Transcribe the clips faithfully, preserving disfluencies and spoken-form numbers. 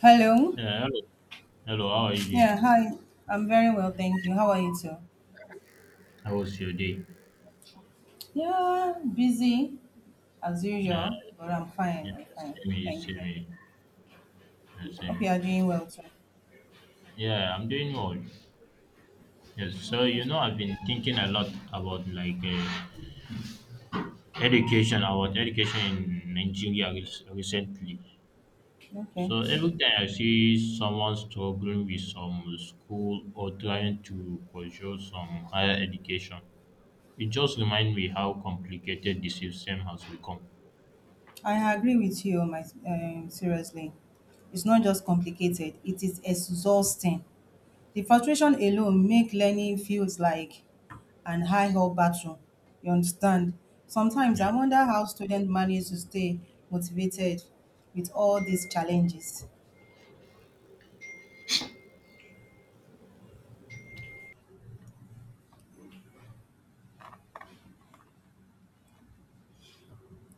Hello. Yeah, hello. Hello, how are you Yeah, doing? hi. I'm very well, thank you. How are you too? How was your day? Yeah, busy as Uh, usual, but I'm fine. yeah, I'm fine. same here, Thank same you. here, yeah, same Hope you are here. doing well too. Yeah, I'm doing well. Yes, Of so you course, know, ma'am. I've been thinking a lot about like uh, education, about education in Nigeria re- recently. Okay. So every time I see someone struggling with some school or trying to pursue some higher education, it just reminds me how complicated the system has become. I agree with you, my um, seriously. It's not just complicated, it is exhausting. The frustration alone make learning feels like an high hell battle. You understand? Sometimes Yeah, I wonder how students manage to stay motivated with all these challenges.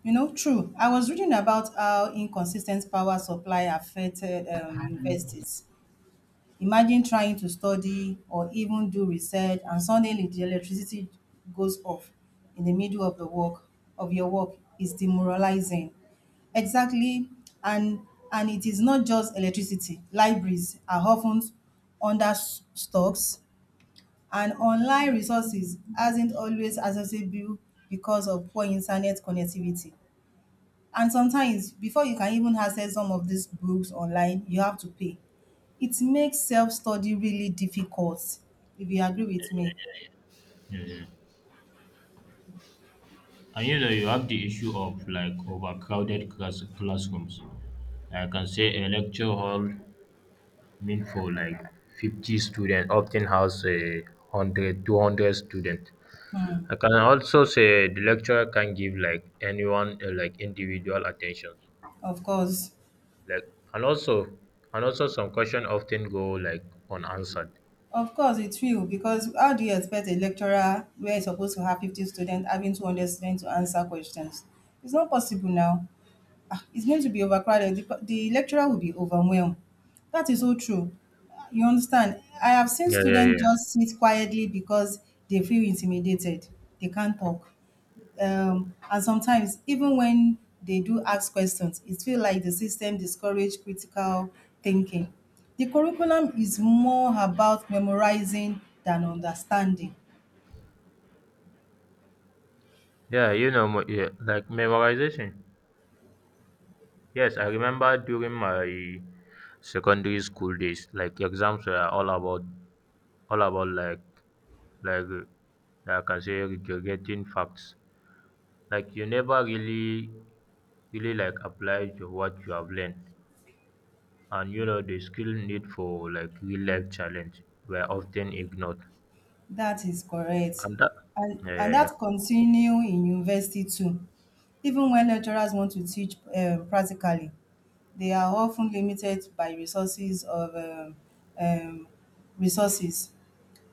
You know, true. I was reading about how inconsistent power supply affected um, universities. Imagine trying to study or even do research, and suddenly the electricity goes off in the middle of the work of your work is demoralizing. Exactly, and and it is not just electricity. Libraries are often under stocks, and online resources isn't always accessible because of poor internet connectivity. And sometimes, before you can even access some of these books online, you have to pay. It makes self study really difficult, if you agree with me. yeah, yeah. And you know, you have the issue of like overcrowded class- classrooms. I can say a lecture hall meant for like fifty students often has a hundred, two hundred students. I can also say the lecturer can give like anyone uh, like individual attention. Of course. Like and also and also some question often go like unanswered. Of course, it will, because how do you expect a lecturer where he's supposed to have fifty students having two hundred students to answer questions? It's not possible now. Ah, it's going to be overcrowded. The, co- the lecturer will be overwhelmed. That is so true. You understand? I have seen Yeah, yeah, students yes. just sit quietly because they feel intimidated. They can't talk. Um, and sometimes, even when they do ask questions, it feels like the system discourages critical thinking. The curriculum is more about memorizing than understanding. Yeah, you know, mo- yeah, like memorization. Yes, I remember during my secondary school days, like exams were all about all about like like uh, I can say regurgitating facts. Like you never really really like applied to what you have learned, and you know the skill need for like real life challenge were often ignored. That is correct. And that And yeah and yeah that yeah continue in university too. Even when lecturers want to teach um practically, they are often limited by resources of um um resources.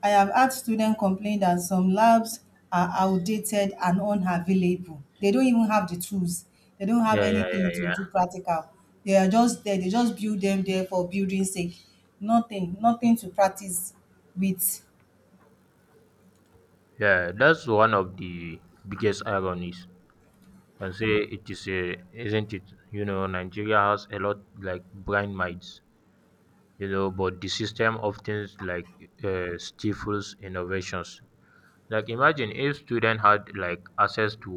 I have had students complain that some labs are outdated and unavailable. They don't even have the tools. They don't have yeah yeah yeah anything to yeah do practical. They are just there. They just build them there for building sake. Nothing, nothing to practice with. yeah. That's one of the biggest ironies. Can say it is, a isn't it? You know, Nigeria has a lot like blind minds, you know, but the system often like uh, stifles innovations. Like imagine if students had like access to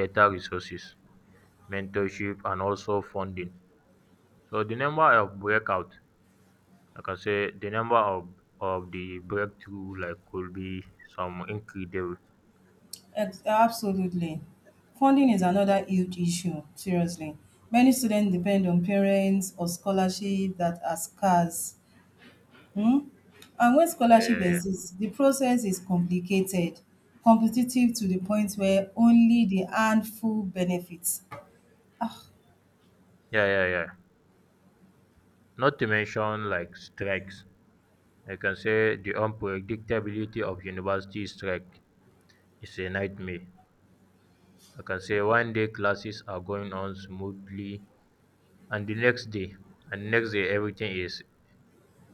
better resources, mentorship, and also funding. So the number of breakout, like I say the number of of the breakthrough like could be some incredible. Ex- absolutely. Funding is another huge issue, seriously. Many students depend on parents or scholarships that are scarce. Hmm? And when scholarship yeah yeah exists, the process is complicated, competitive to the point where only the handful benefits. yeah yeah yeah yeah Not to mention like strikes. I can say the unpredictability of university strike is a nightmare. I can say one day classes are going on smoothly, and the next day and next day everything is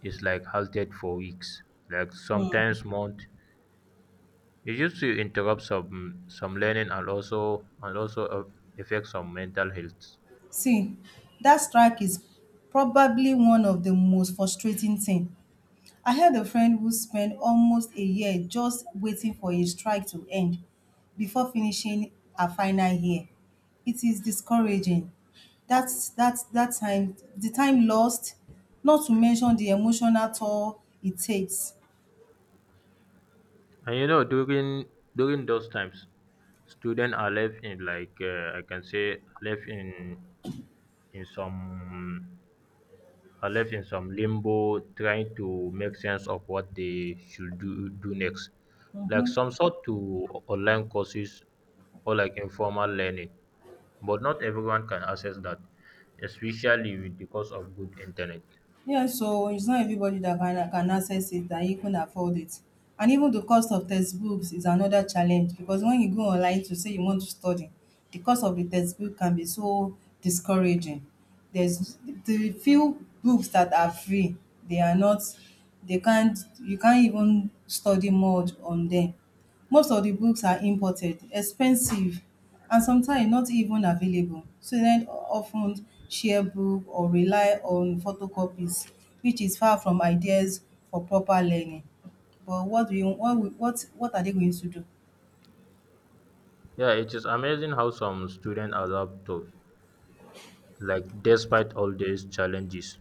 is like halted for weeks, like sometimes months. It used to interrupt some some learning and also and also uh, affect some mental health. See, that strike is probably one of the most frustrating things. I had a friend who spent almost a year just waiting for a strike to end before finishing her final year. It is discouraging. That's that's that time the time lost, not to mention the emotional toll it takes. And you know, during during those times students are left in like uh, I can say left in in some are left in some limbo trying to make sense of what they should do, do next. Like Mhm. some sort to o- online courses or like informal learning, but not everyone can access that, especially with the cost of good internet. Yeah, so it's not everybody that can, can access it, that you can afford it. And even the cost of textbooks is another challenge because when you go online to say you want to study, the cost of the textbook can be so discouraging. There's the few books that are free, they are not, they can't, you can't even study more on them. Most of the books are imported, expensive and sometimes not even available. Students often share book or rely on photocopies, which is far from ideas for proper learning. But what do you what we what what are they going to do? Yeah, it is amazing how some students adapt to like despite all these challenges.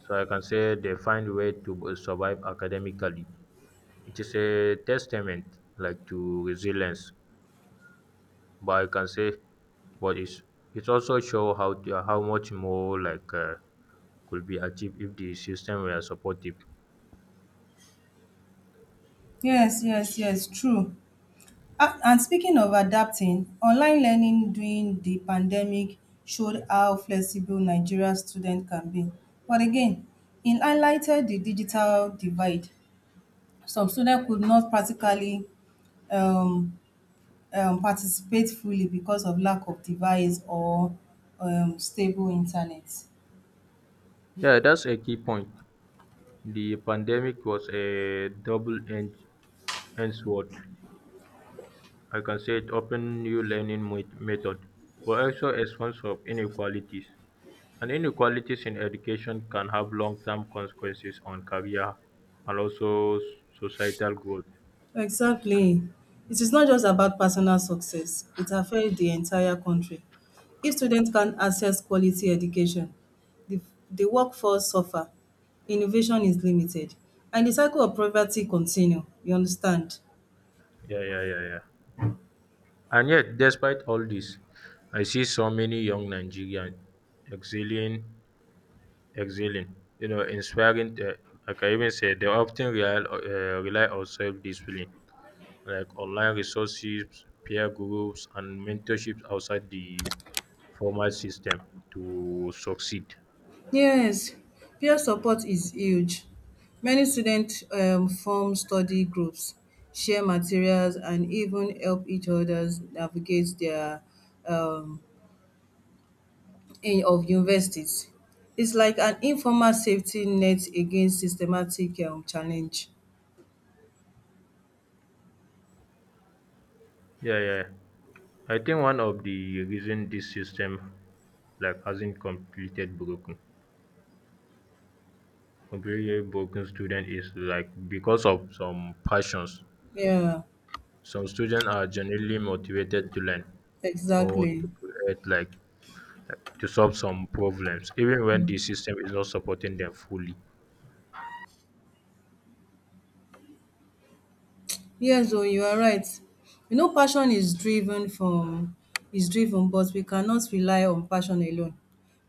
So I can say they find way to survive academically. It is a testament like to resilience, but I can say, but it's it also show how the, how much more like uh, could be achieved if the system were supportive. Yes, yes, yes, true. Ah, and speaking of adapting, online learning during the pandemic showed how flexible Nigeria students can be. But again, it highlighted the digital divide. Some students could not practically um, um, participate fully because of lack of device or um, stable internet. Yeah, that's a key point. The pandemic was a double-edged edged sword. I can say it opened new learning met- method, but also a source of inequalities. And inequalities in education can have long-term consequences on career and also s- societal growth. Exactly. It is not just about personal success, it affects the entire country. If students can't access quality education, the, the workforce suffer, innovation is limited, and the cycle of poverty continue. You understand? Yeah, yeah, yeah, yeah. And yet, despite all this, I see so many young Nigerians excelling, excelling, you know, inspiring. Uh, I can even say they often rely, uh, rely on self discipline, like online resources, peer groups, and mentorships outside the formal system to succeed. Yes, peer support is huge. Many students um form study groups, share materials and even help each other navigate their um in of universities. It's like an informal safety net against systematic um challenge. Yeah, yeah. I think one of the reason this system like hasn't completed broken completely broken student is like because of some passions. Yeah, Some students are genuinely motivated to learn or exactly. to create, like to solve some problems, even when the system is not supporting them fully. Yes oh, you are right. You know passion is driven from is driven but we cannot rely on passion alone.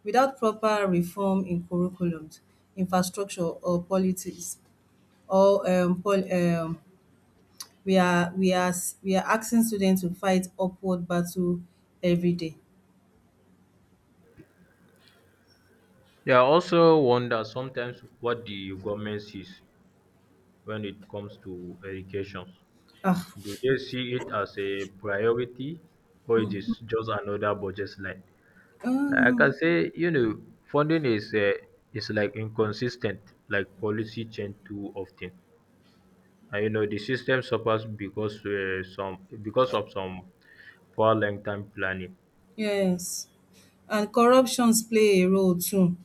Without proper reform in curriculums, infrastructure or politics or um pol um we are we are s we are asking students to fight upward battle every day. Yeah, I also wonder sometimes what the government sees when it comes to education. Ah! Do they see it as a priority or it is just another budget line? Like I can um say, you know, funding is uh, is like inconsistent, like policy change too often. And you know, the system suffers because uh, some because of some poor long-term planning. Yes, and corruptions play a role too.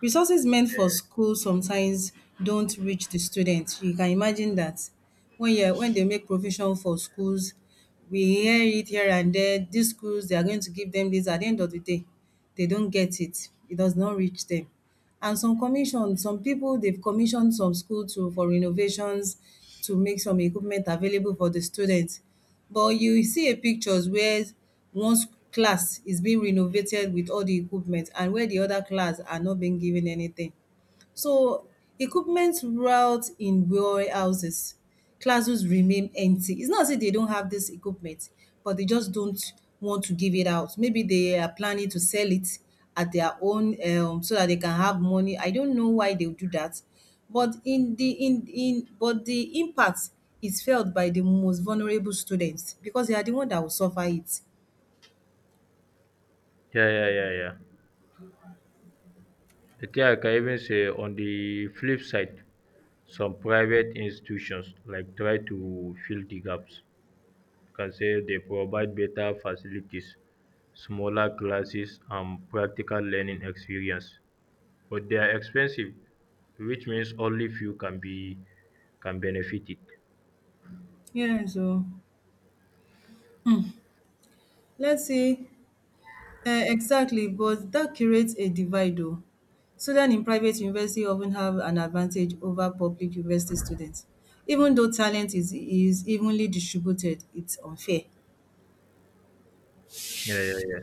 Resources meant for school sometimes don't reach the students. You can imagine that. When you when they make provision for schools, we hear it here and there, these schools, they are going to give them this. At the end of the day, they don't get it. It does not reach them. And some commission, some people, they've commissioned some school to for renovations to make some equipment available for the students. But you see a pictures where one s- class is being renovated with all the equipment and where the other class are not being given anything. So equipment route in warehouses, classrooms remain empty. It's not as if they don't have this equipment, but they just don't want to give it out. Maybe they are planning to sell it at their own um so that they can have money. I don't know why they do that. But in the in in but the impact is felt by the most vulnerable students because they are the one that will suffer it. Yeah, yeah, yeah, yeah. I think I can even say on the flip side, some private institutions like try to fill the gaps. I can say they provide better facilities, smaller classes, and practical learning experience. But they are expensive, which means only few can be can benefit it. Yeah, so let's see um exactly but dat creates a divide um students in private university of ten have an advantage over public university students even though talent is is evenly distributed it's unfair. Yeah, yeah, yeah.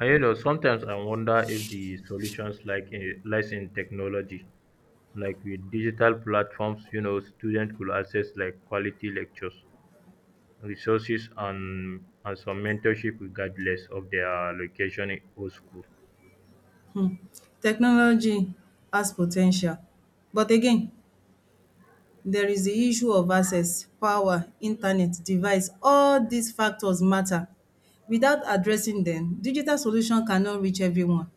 And you know, sometimes I wonder if the solutions like eh, lies in technology, like with digital platforms, you know, students could access like quality lectures, resources, and and some mentorship regardless of their location or school. Technology has po ten tial but again there is the issue of access, power, internet, device all dis factors matter. Without addressing dem digital solution cannot reach everyone.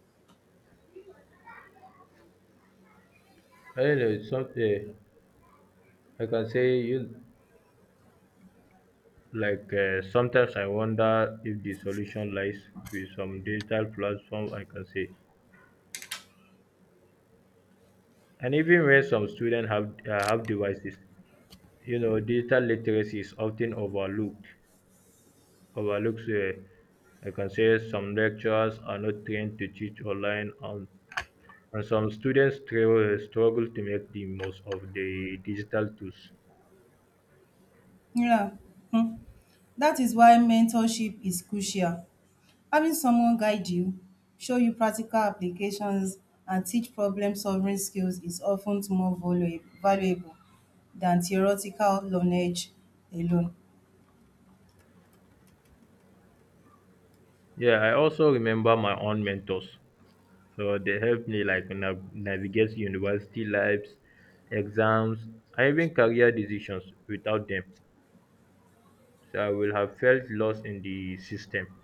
I don't know. Some uh, I can say you like uh, sometimes I wonder if the solution lies with some digital platform. I can say, and even when some students have uh, have devices, you know, digital literacy is often overlooked. Overlooks a, I can say some lecturers are not trained to teach online, and, and some students tra- struggle to make the most of the digital tools. Yeah, um that is why mentorship is crucial. Having someone guide you, show you practical applications, and teach problem solving skills is often more valuable valuable than theoretical knowledge alone. Yeah, I also remember my own mentors. So they helped me like nav- navigate university lives, exams, and even career decisions without them. So I will have felt lost in the system.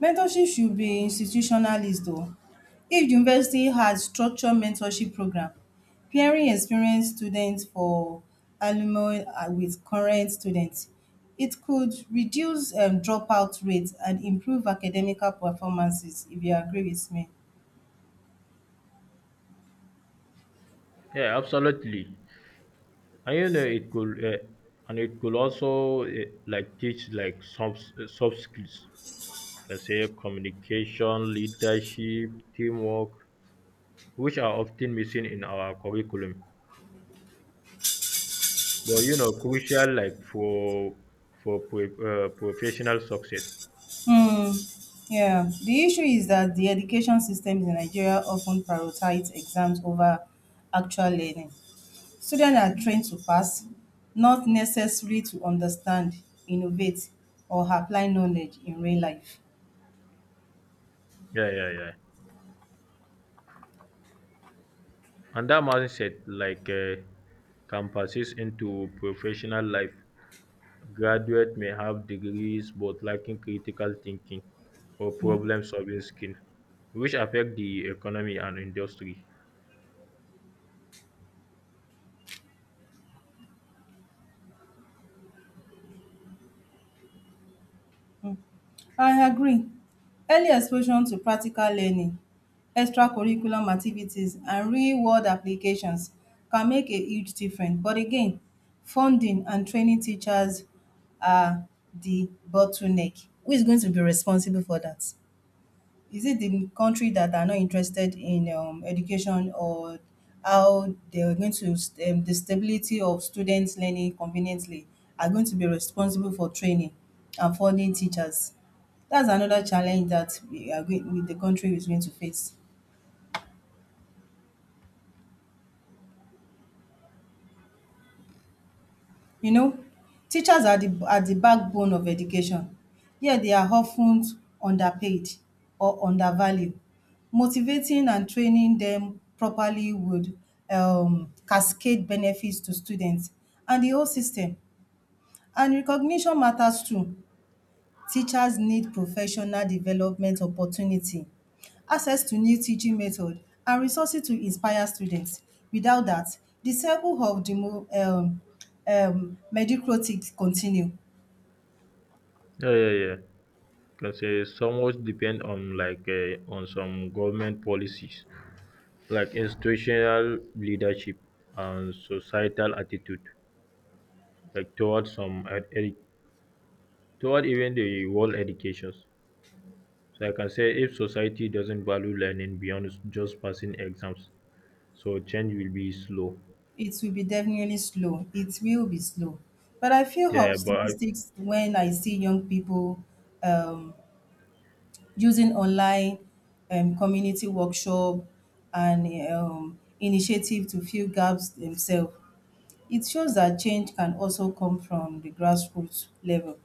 Mentorship should be institutionalized though. If the university has structured mentorship program, pairing experienced students for alumni and with current students, it could reduce um dropout rates and improve academical performances if you agree with me. Yeah, absolutely. And you know it could uh, and it could also uh, like teach like soft uh, soft skills, per say, communication, leadership, teamwork, which are often missing in our curriculum, but you know, crucial like for for pre- uh, professional success. Hmm, yeah. The issue is that the education systems in Nigeria often prioritize exams over actual learning. Students are trained to pass, not necessarily to understand, innovate, or apply knowledge in real life. Yeah yeah yeah And that mindset like uh, can persist into professional life. Graduates may have degrees but lacking critical thinking or problem-solving skills, which affect the economy and industry. I agree. Early exposure to practical learning, extracurriculum activities, and real-world applications can make a huge difference. But again, funding and training teachers are the bottleneck. Who is going to be responsible for that? Is it the country that are not interested in um, education or how they're going to st- um, the stability of students learning conveniently are going to be responsible for training and funding teachers? That's another challenge that we are going with the country is going to face. You know, teachers are the are the backbone of education, yet they are often underpaid or undervalued. Motivating and training them properly would um cascade benefits to students and the whole system. And recognition matters too. Teachers need professional development opportunity, access to new teaching method and resources to inspire students. Without that, the circle of demo um um mediocrity continue. Yeah, yeah, yeah. Can say somewhat depend on like uh, on some government policies, like institutional leadership and societal attitude, like towards some ed- ed- toward even the world educations. So I can say if society doesn't value learning beyond just passing exams, so change will be slow. It will be definitely slow. It will be slow. But I feel Yeah, but I optimistic when I see young people um, using online um, community workshop and um, initiative to fill gaps themselves. It shows that change can also come from the grassroots level.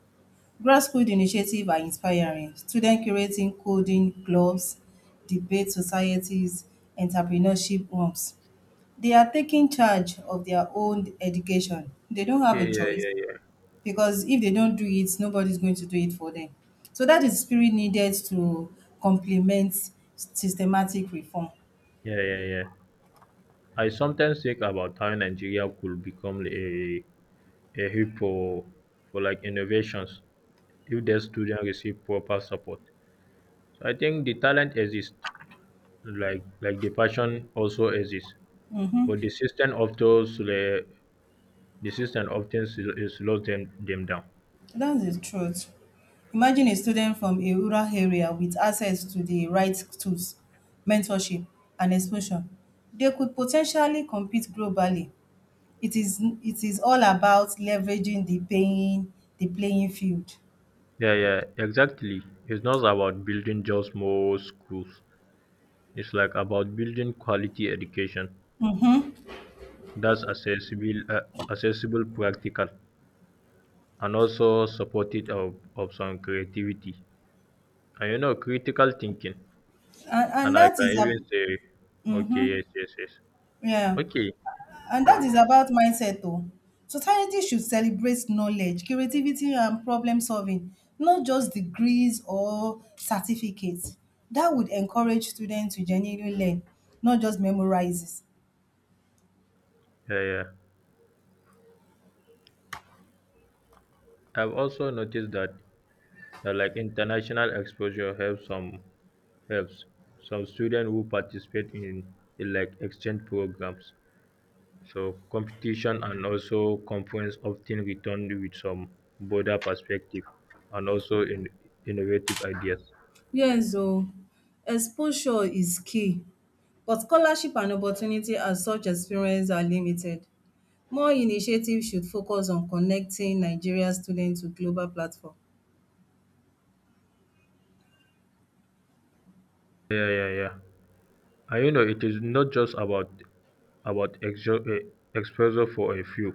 Grassroots initiatives are inspiring. Students curating coding clubs, debate societies, entrepreneurship groups. They are taking charge of their own education. They don't have Yeah, a yeah, choice yeah, yeah, because if they don't do it, nobody's going to do it for them. So that is spirit needed to complement systematic reform. yeah, yeah, yeah. I sometimes think about how Nigeria could become a a hub for for like innovations if their students receive proper support. So I think the talent exists, like like the passion also exists, but the system often sl- the system often sl- it slows them them down. That's the truth. Imagine a student from a rural area with access to the right tools, mentorship, and exposure. They could potentially compete globally. It is it is all about leveraging the paying the playing field. Yeah, yeah, exactly. It's not about building just more schools. It's like about building quality education. Mm-hmm. That's accessible, uh, accessible, practical, and also supportive of, of some creativity. And you know, critical thinking. And, and And I that can is a even say, mm-hmm. okay, yes, yes, yes. Yeah. Okay, And that is about mindset o. Society should celebrate knowledge, creativity and problem solving, not just degrees or certificates. That would encourage students to genuinely learn, not just memorizes. yeah, yeah. I've also noticed that uh, like international exposure helps some helps some students who participate in, in like exchange programs. So competition and also conference often return with some broader perspective and also in innovative ideas. Yes o, exposure is key but scholarship and opportunity as such experience are limited. More initiative should focus on connecting Nigerian students to global platform. Yeah, yeah, yeah. And you know, it is not just about about exo- eh, exposure for a few.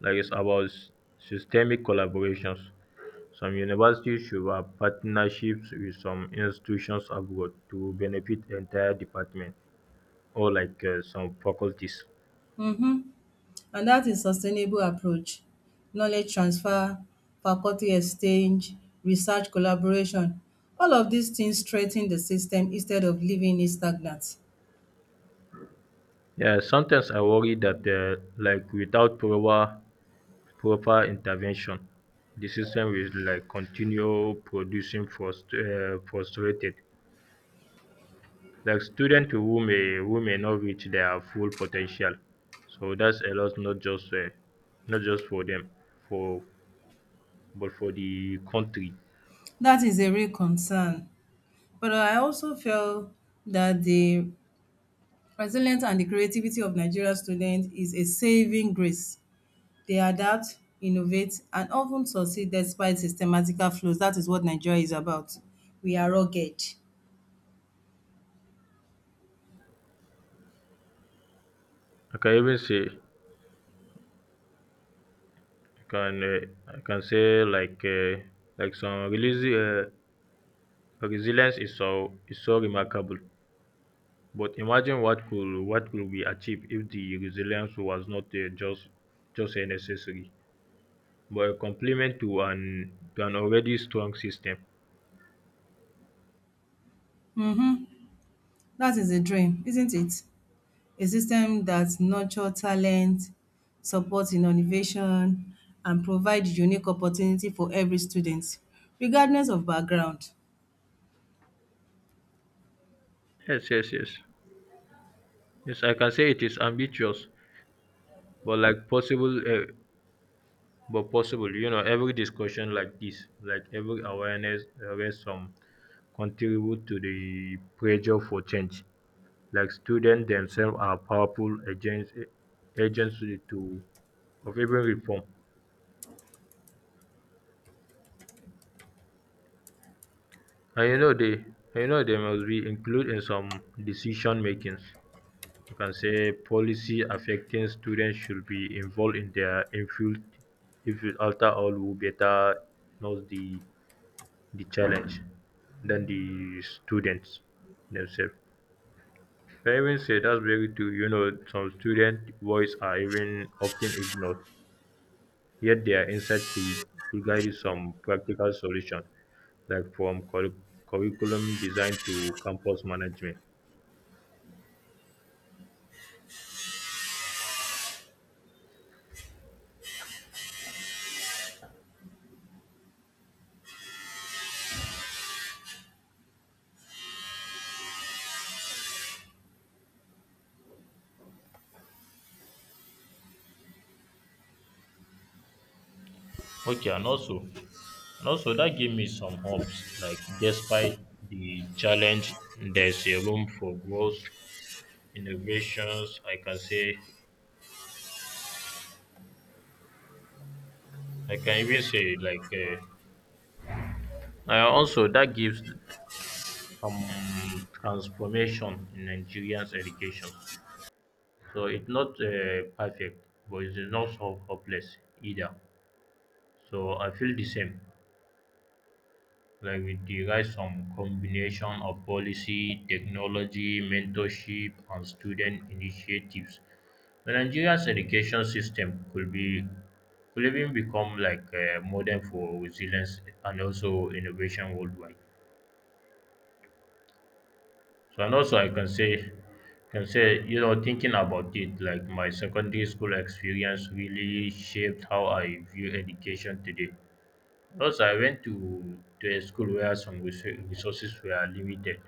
Like it's about s- systemic collaborations. Some universities should have partnerships with some institutions abroad to benefit entire department or like uh, some faculties. um and that is sustainable approach, knowledge transfer, faculty exchange, research collaboration. All of these things strengthen the system instead of leaving it stagnant. Yeah, sometimes I worry that uh, like without proper proper intervention, the system will like continue producing frust- uh, frustrated like students who may who may not reach their full potential. So that's a loss not just um not just for them, for but for the country. That is a real concern. But I also feel that the resilience and the creativity of Nigerian students is a saving grace. They adapt, innovate and often succeed despite systematical flaws. That is what Nigeria is about. We are rugged. I can even say, I can um I can say like um like some um resilience is so is so remarkable, but imagine what could what could be achieved if the resilience was not um just just a necessary, but a complement to an to an already strong system. That is a dream, isn't it? A system that nurture talent, support innovation and provide unique opportunity for every student regardless of background. Yes, yes, yes. Yes, I can say it is ambitious, but like possible, uh, but possible. You know, every discussion like this, like every awareness, uh, some contribute to the pressure for change. Like students themselves are powerful agents, agents to to- of even reform. And you know they, and you know they must be included in some decision makings. You can say policy affecting students should be involved in their infield if it, after all, who better knows the the challenge than the students themselves. I even say that's very true. You know, some student voice are even often ignored, yet their insight could, could guide some practical solution, like from curri- curriculum design to campus management. Okay, and also And also, that gave me some hopes. Like, despite the challenge, there's a room for growth, innovations. I can say, I can even say, like, uh, uh, also that gives some transformation in Nigerians' education. So it's not uh, perfect, but it's not so hopeless either. So I feel the same. Like we derive some combination of policy, technology, mentorship, and student initiatives. The Nigeria's education system could be could even become like a model for resilience and also innovation worldwide. So and also I can say can say, you know, thinking about it, like my secondary school experience really shaped how I view education today. Also, I went to, to a school where some resou- resources were limited,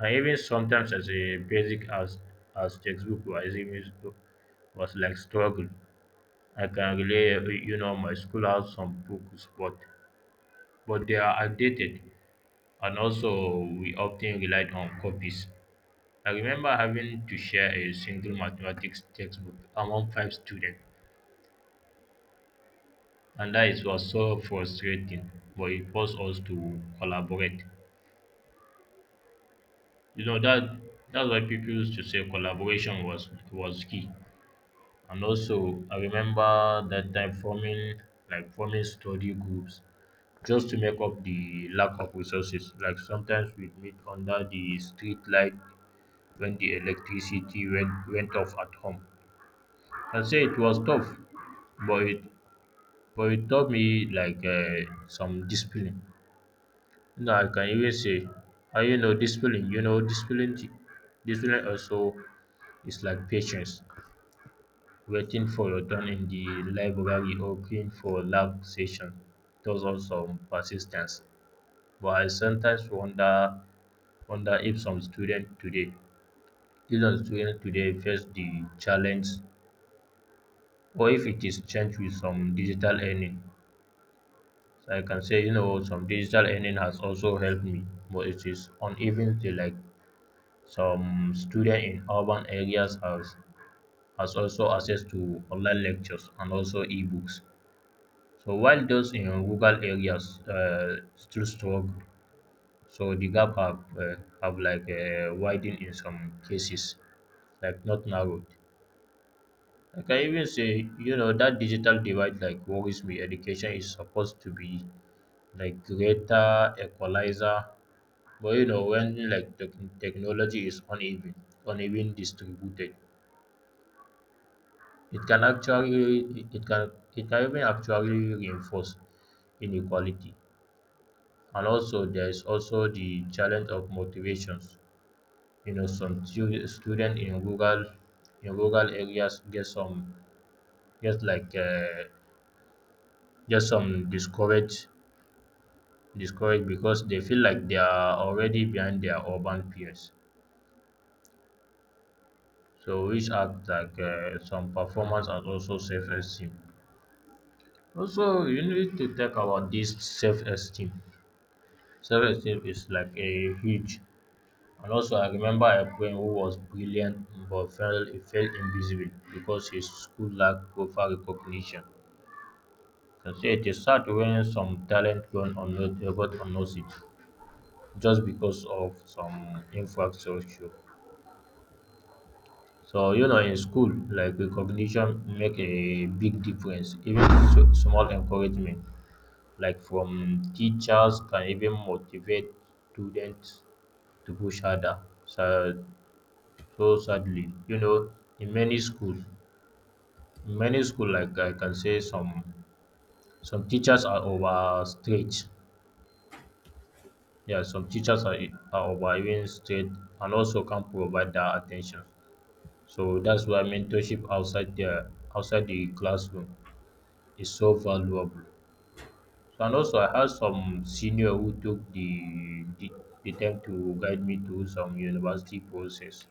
and even sometimes as a basic as as textbook or as even book was like struggle. I can relate, you know, my school has some books, but but they are outdated, and also we often relied on copies. I remember having to share a single mathematics textbook among five students, and that is was so frustrating. But it forced us to collaborate. You know that that's why people used to say collaboration was was key. And also, I remember that time forming like forming study groups just to make up the lack of resources. Like sometimes we'd meet under the street light when the electricity went went off at home. I say it was tough, but it but it taught me like uh, some discipline. No, I can even say, I you know discipline. You know discipline. Discipline also is like patience. Waiting for your turn in the library or queuing for lab session tells us some persistence. But I sometimes wonder wonder if some student today, if some student today face the challenge or if it is changed with some digital earning. So I can say, you know, some digital earning has also helped me, but it is uneven still, like some student in urban areas has has also access to online lectures and also ebooks. So while those in rural areas uh, still struggle, so the gap have, uh, have like uh, widened in some cases, like not narrowed. Like I can even say, you know, that digital divide like worries me. Education is supposed to be like greater equalizer, but you know, when like the technology is uneven, uneven distributed, it can actually, it can, it can even actually reinforce inequality. And also there is also the challenge of motivations. You know some stu- student in rural in rural areas get some get like uh, get some discouraged, discouraged because they feel like they are already behind their urban peers, so which act like uh, some performance and also self-esteem. Also you need to talk about this self-esteem. Self-esteem is like a huge. And also, I remember a friend who was brilliant but felt, felt invisible because his school lacked proper recognition. Can say it is sad when some talent gone unnoticed, got unnoticed just because of some infrastructure. So you know, in school, like recognition make a big difference. Even so, small encouragement, like from teachers, can even motivate students to push harder. So So sadly, you know, in many schools, in many school, like I can say, some some teachers are over strict. Yeah, some teachers are, are over even strict and also can't provide that attention. So that's why mentorship outside the outside the classroom is so valuable. So and also I had some senior who took the the, the time to guide me through some university process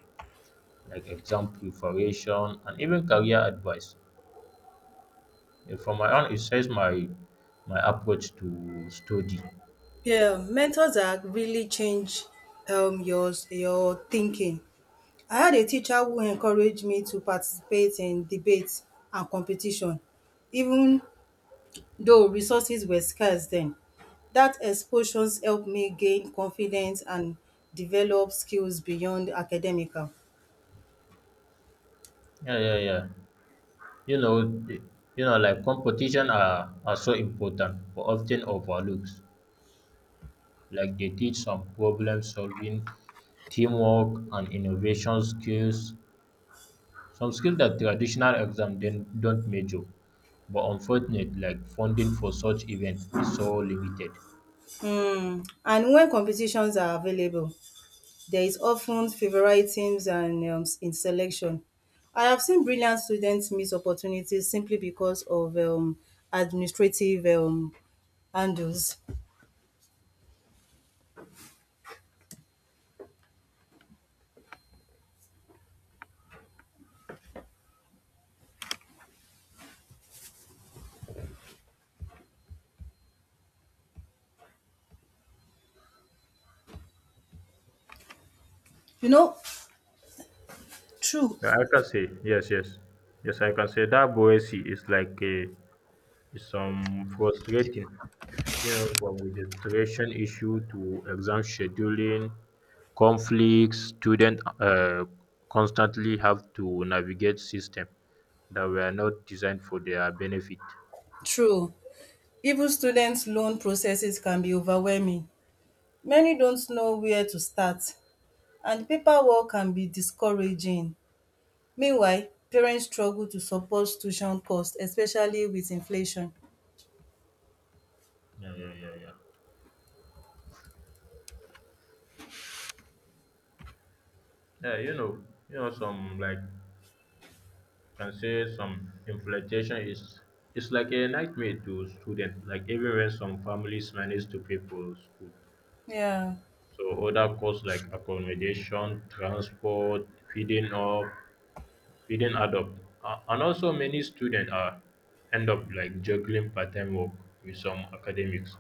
like exam preparation and even career advice. Yeah, from my own, it says my my approach to study. Yeah, mentors are really change um your your thinking. I had a teacher who encouraged me to participate in debates and competition, even though resources were scarce then. That exposure helped me gain confidence and develop skills beyond academical. Yeah, yeah, yeah. You know, the- you know, like competition are, are so important, but often overlooked. Like they teach some problem solving, teamwork, and innovation skills. Some skills that traditional exam then don't measure. But unfortunately, like funding for such events is so limited. Um and when competitions are available there is often favoritism and um in selection. I have seen brilliant students miss opportunities simply because of um administrative um handles, you know. True. Yeah, I can say yes, yes, yes. I can say that Boesi is like a is some frustrating, you know, from registration issue to exam scheduling, conflicts, students uh, constantly have to navigate systems that were not designed for their benefit. True even students' loan processes can be overwhelming. Many don't know where to start and paperwork can be discouraging. Meanwhile, parents struggle to support tuition costs, especially with inflation. Yeah, yeah, yeah, yeah. Yeah, you know, you know, some like can say some inflation is it's like a nightmare to students. Like even when some families manage to pay for school, Yeah. so other costs like accommodation, transport, feeding up, we didn't adopt. Uh, and also, many students are end up like juggling part-time work with some academics.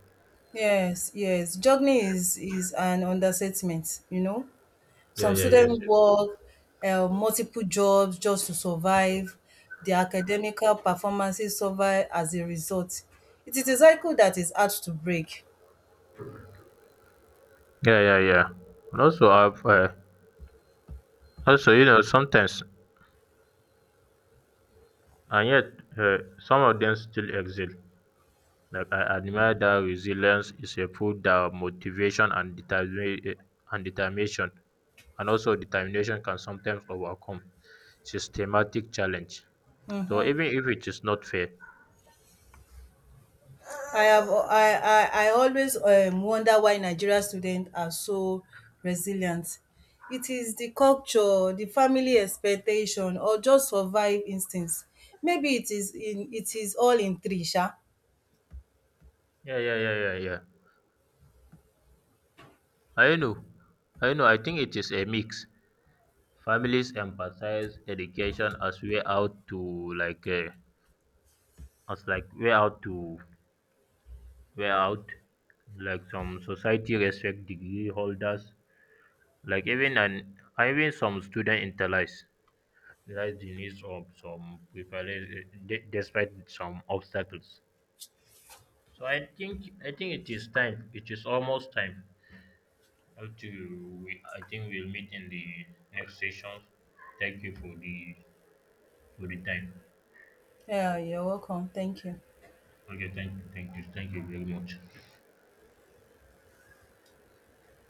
Yes, yes. Juggling is is an understatement, you know. Yeah, Some yeah, yes, students yes. work uh, multiple jobs just to survive. Their academical performances suffer as a result. It is a cycle that is hard to break. Yeah, yeah, yeah. And also, I've, uh, also, you know, sometimes, and yet, uh, some of them still excel. Like I admire that resilience is a food that motivation and determination and determination, and also determination can sometimes overcome systematic challenge. So even if it is not fair. I have I I, I always um, wonder why Nigerian students are so resilient. It is the culture, the family expectation, or just survive instincts. Maybe it is in it is all in three, sha. Yeah, yeah, yeah, yeah, yeah. I know, I know. I think it is a mix. Families emphasize education as way out to like uh, as like way out to way out. Like some society respect degree holders. Like even an even some student internalize realize the needs of some preparation de- despite some obstacles. So I think I think it is time. It is almost time. How to we, I think we'll meet in the next session. Thank you for the Good time. Yeah, you're welcome. Thank you. Okay, thank, you, thank you, thank you very much.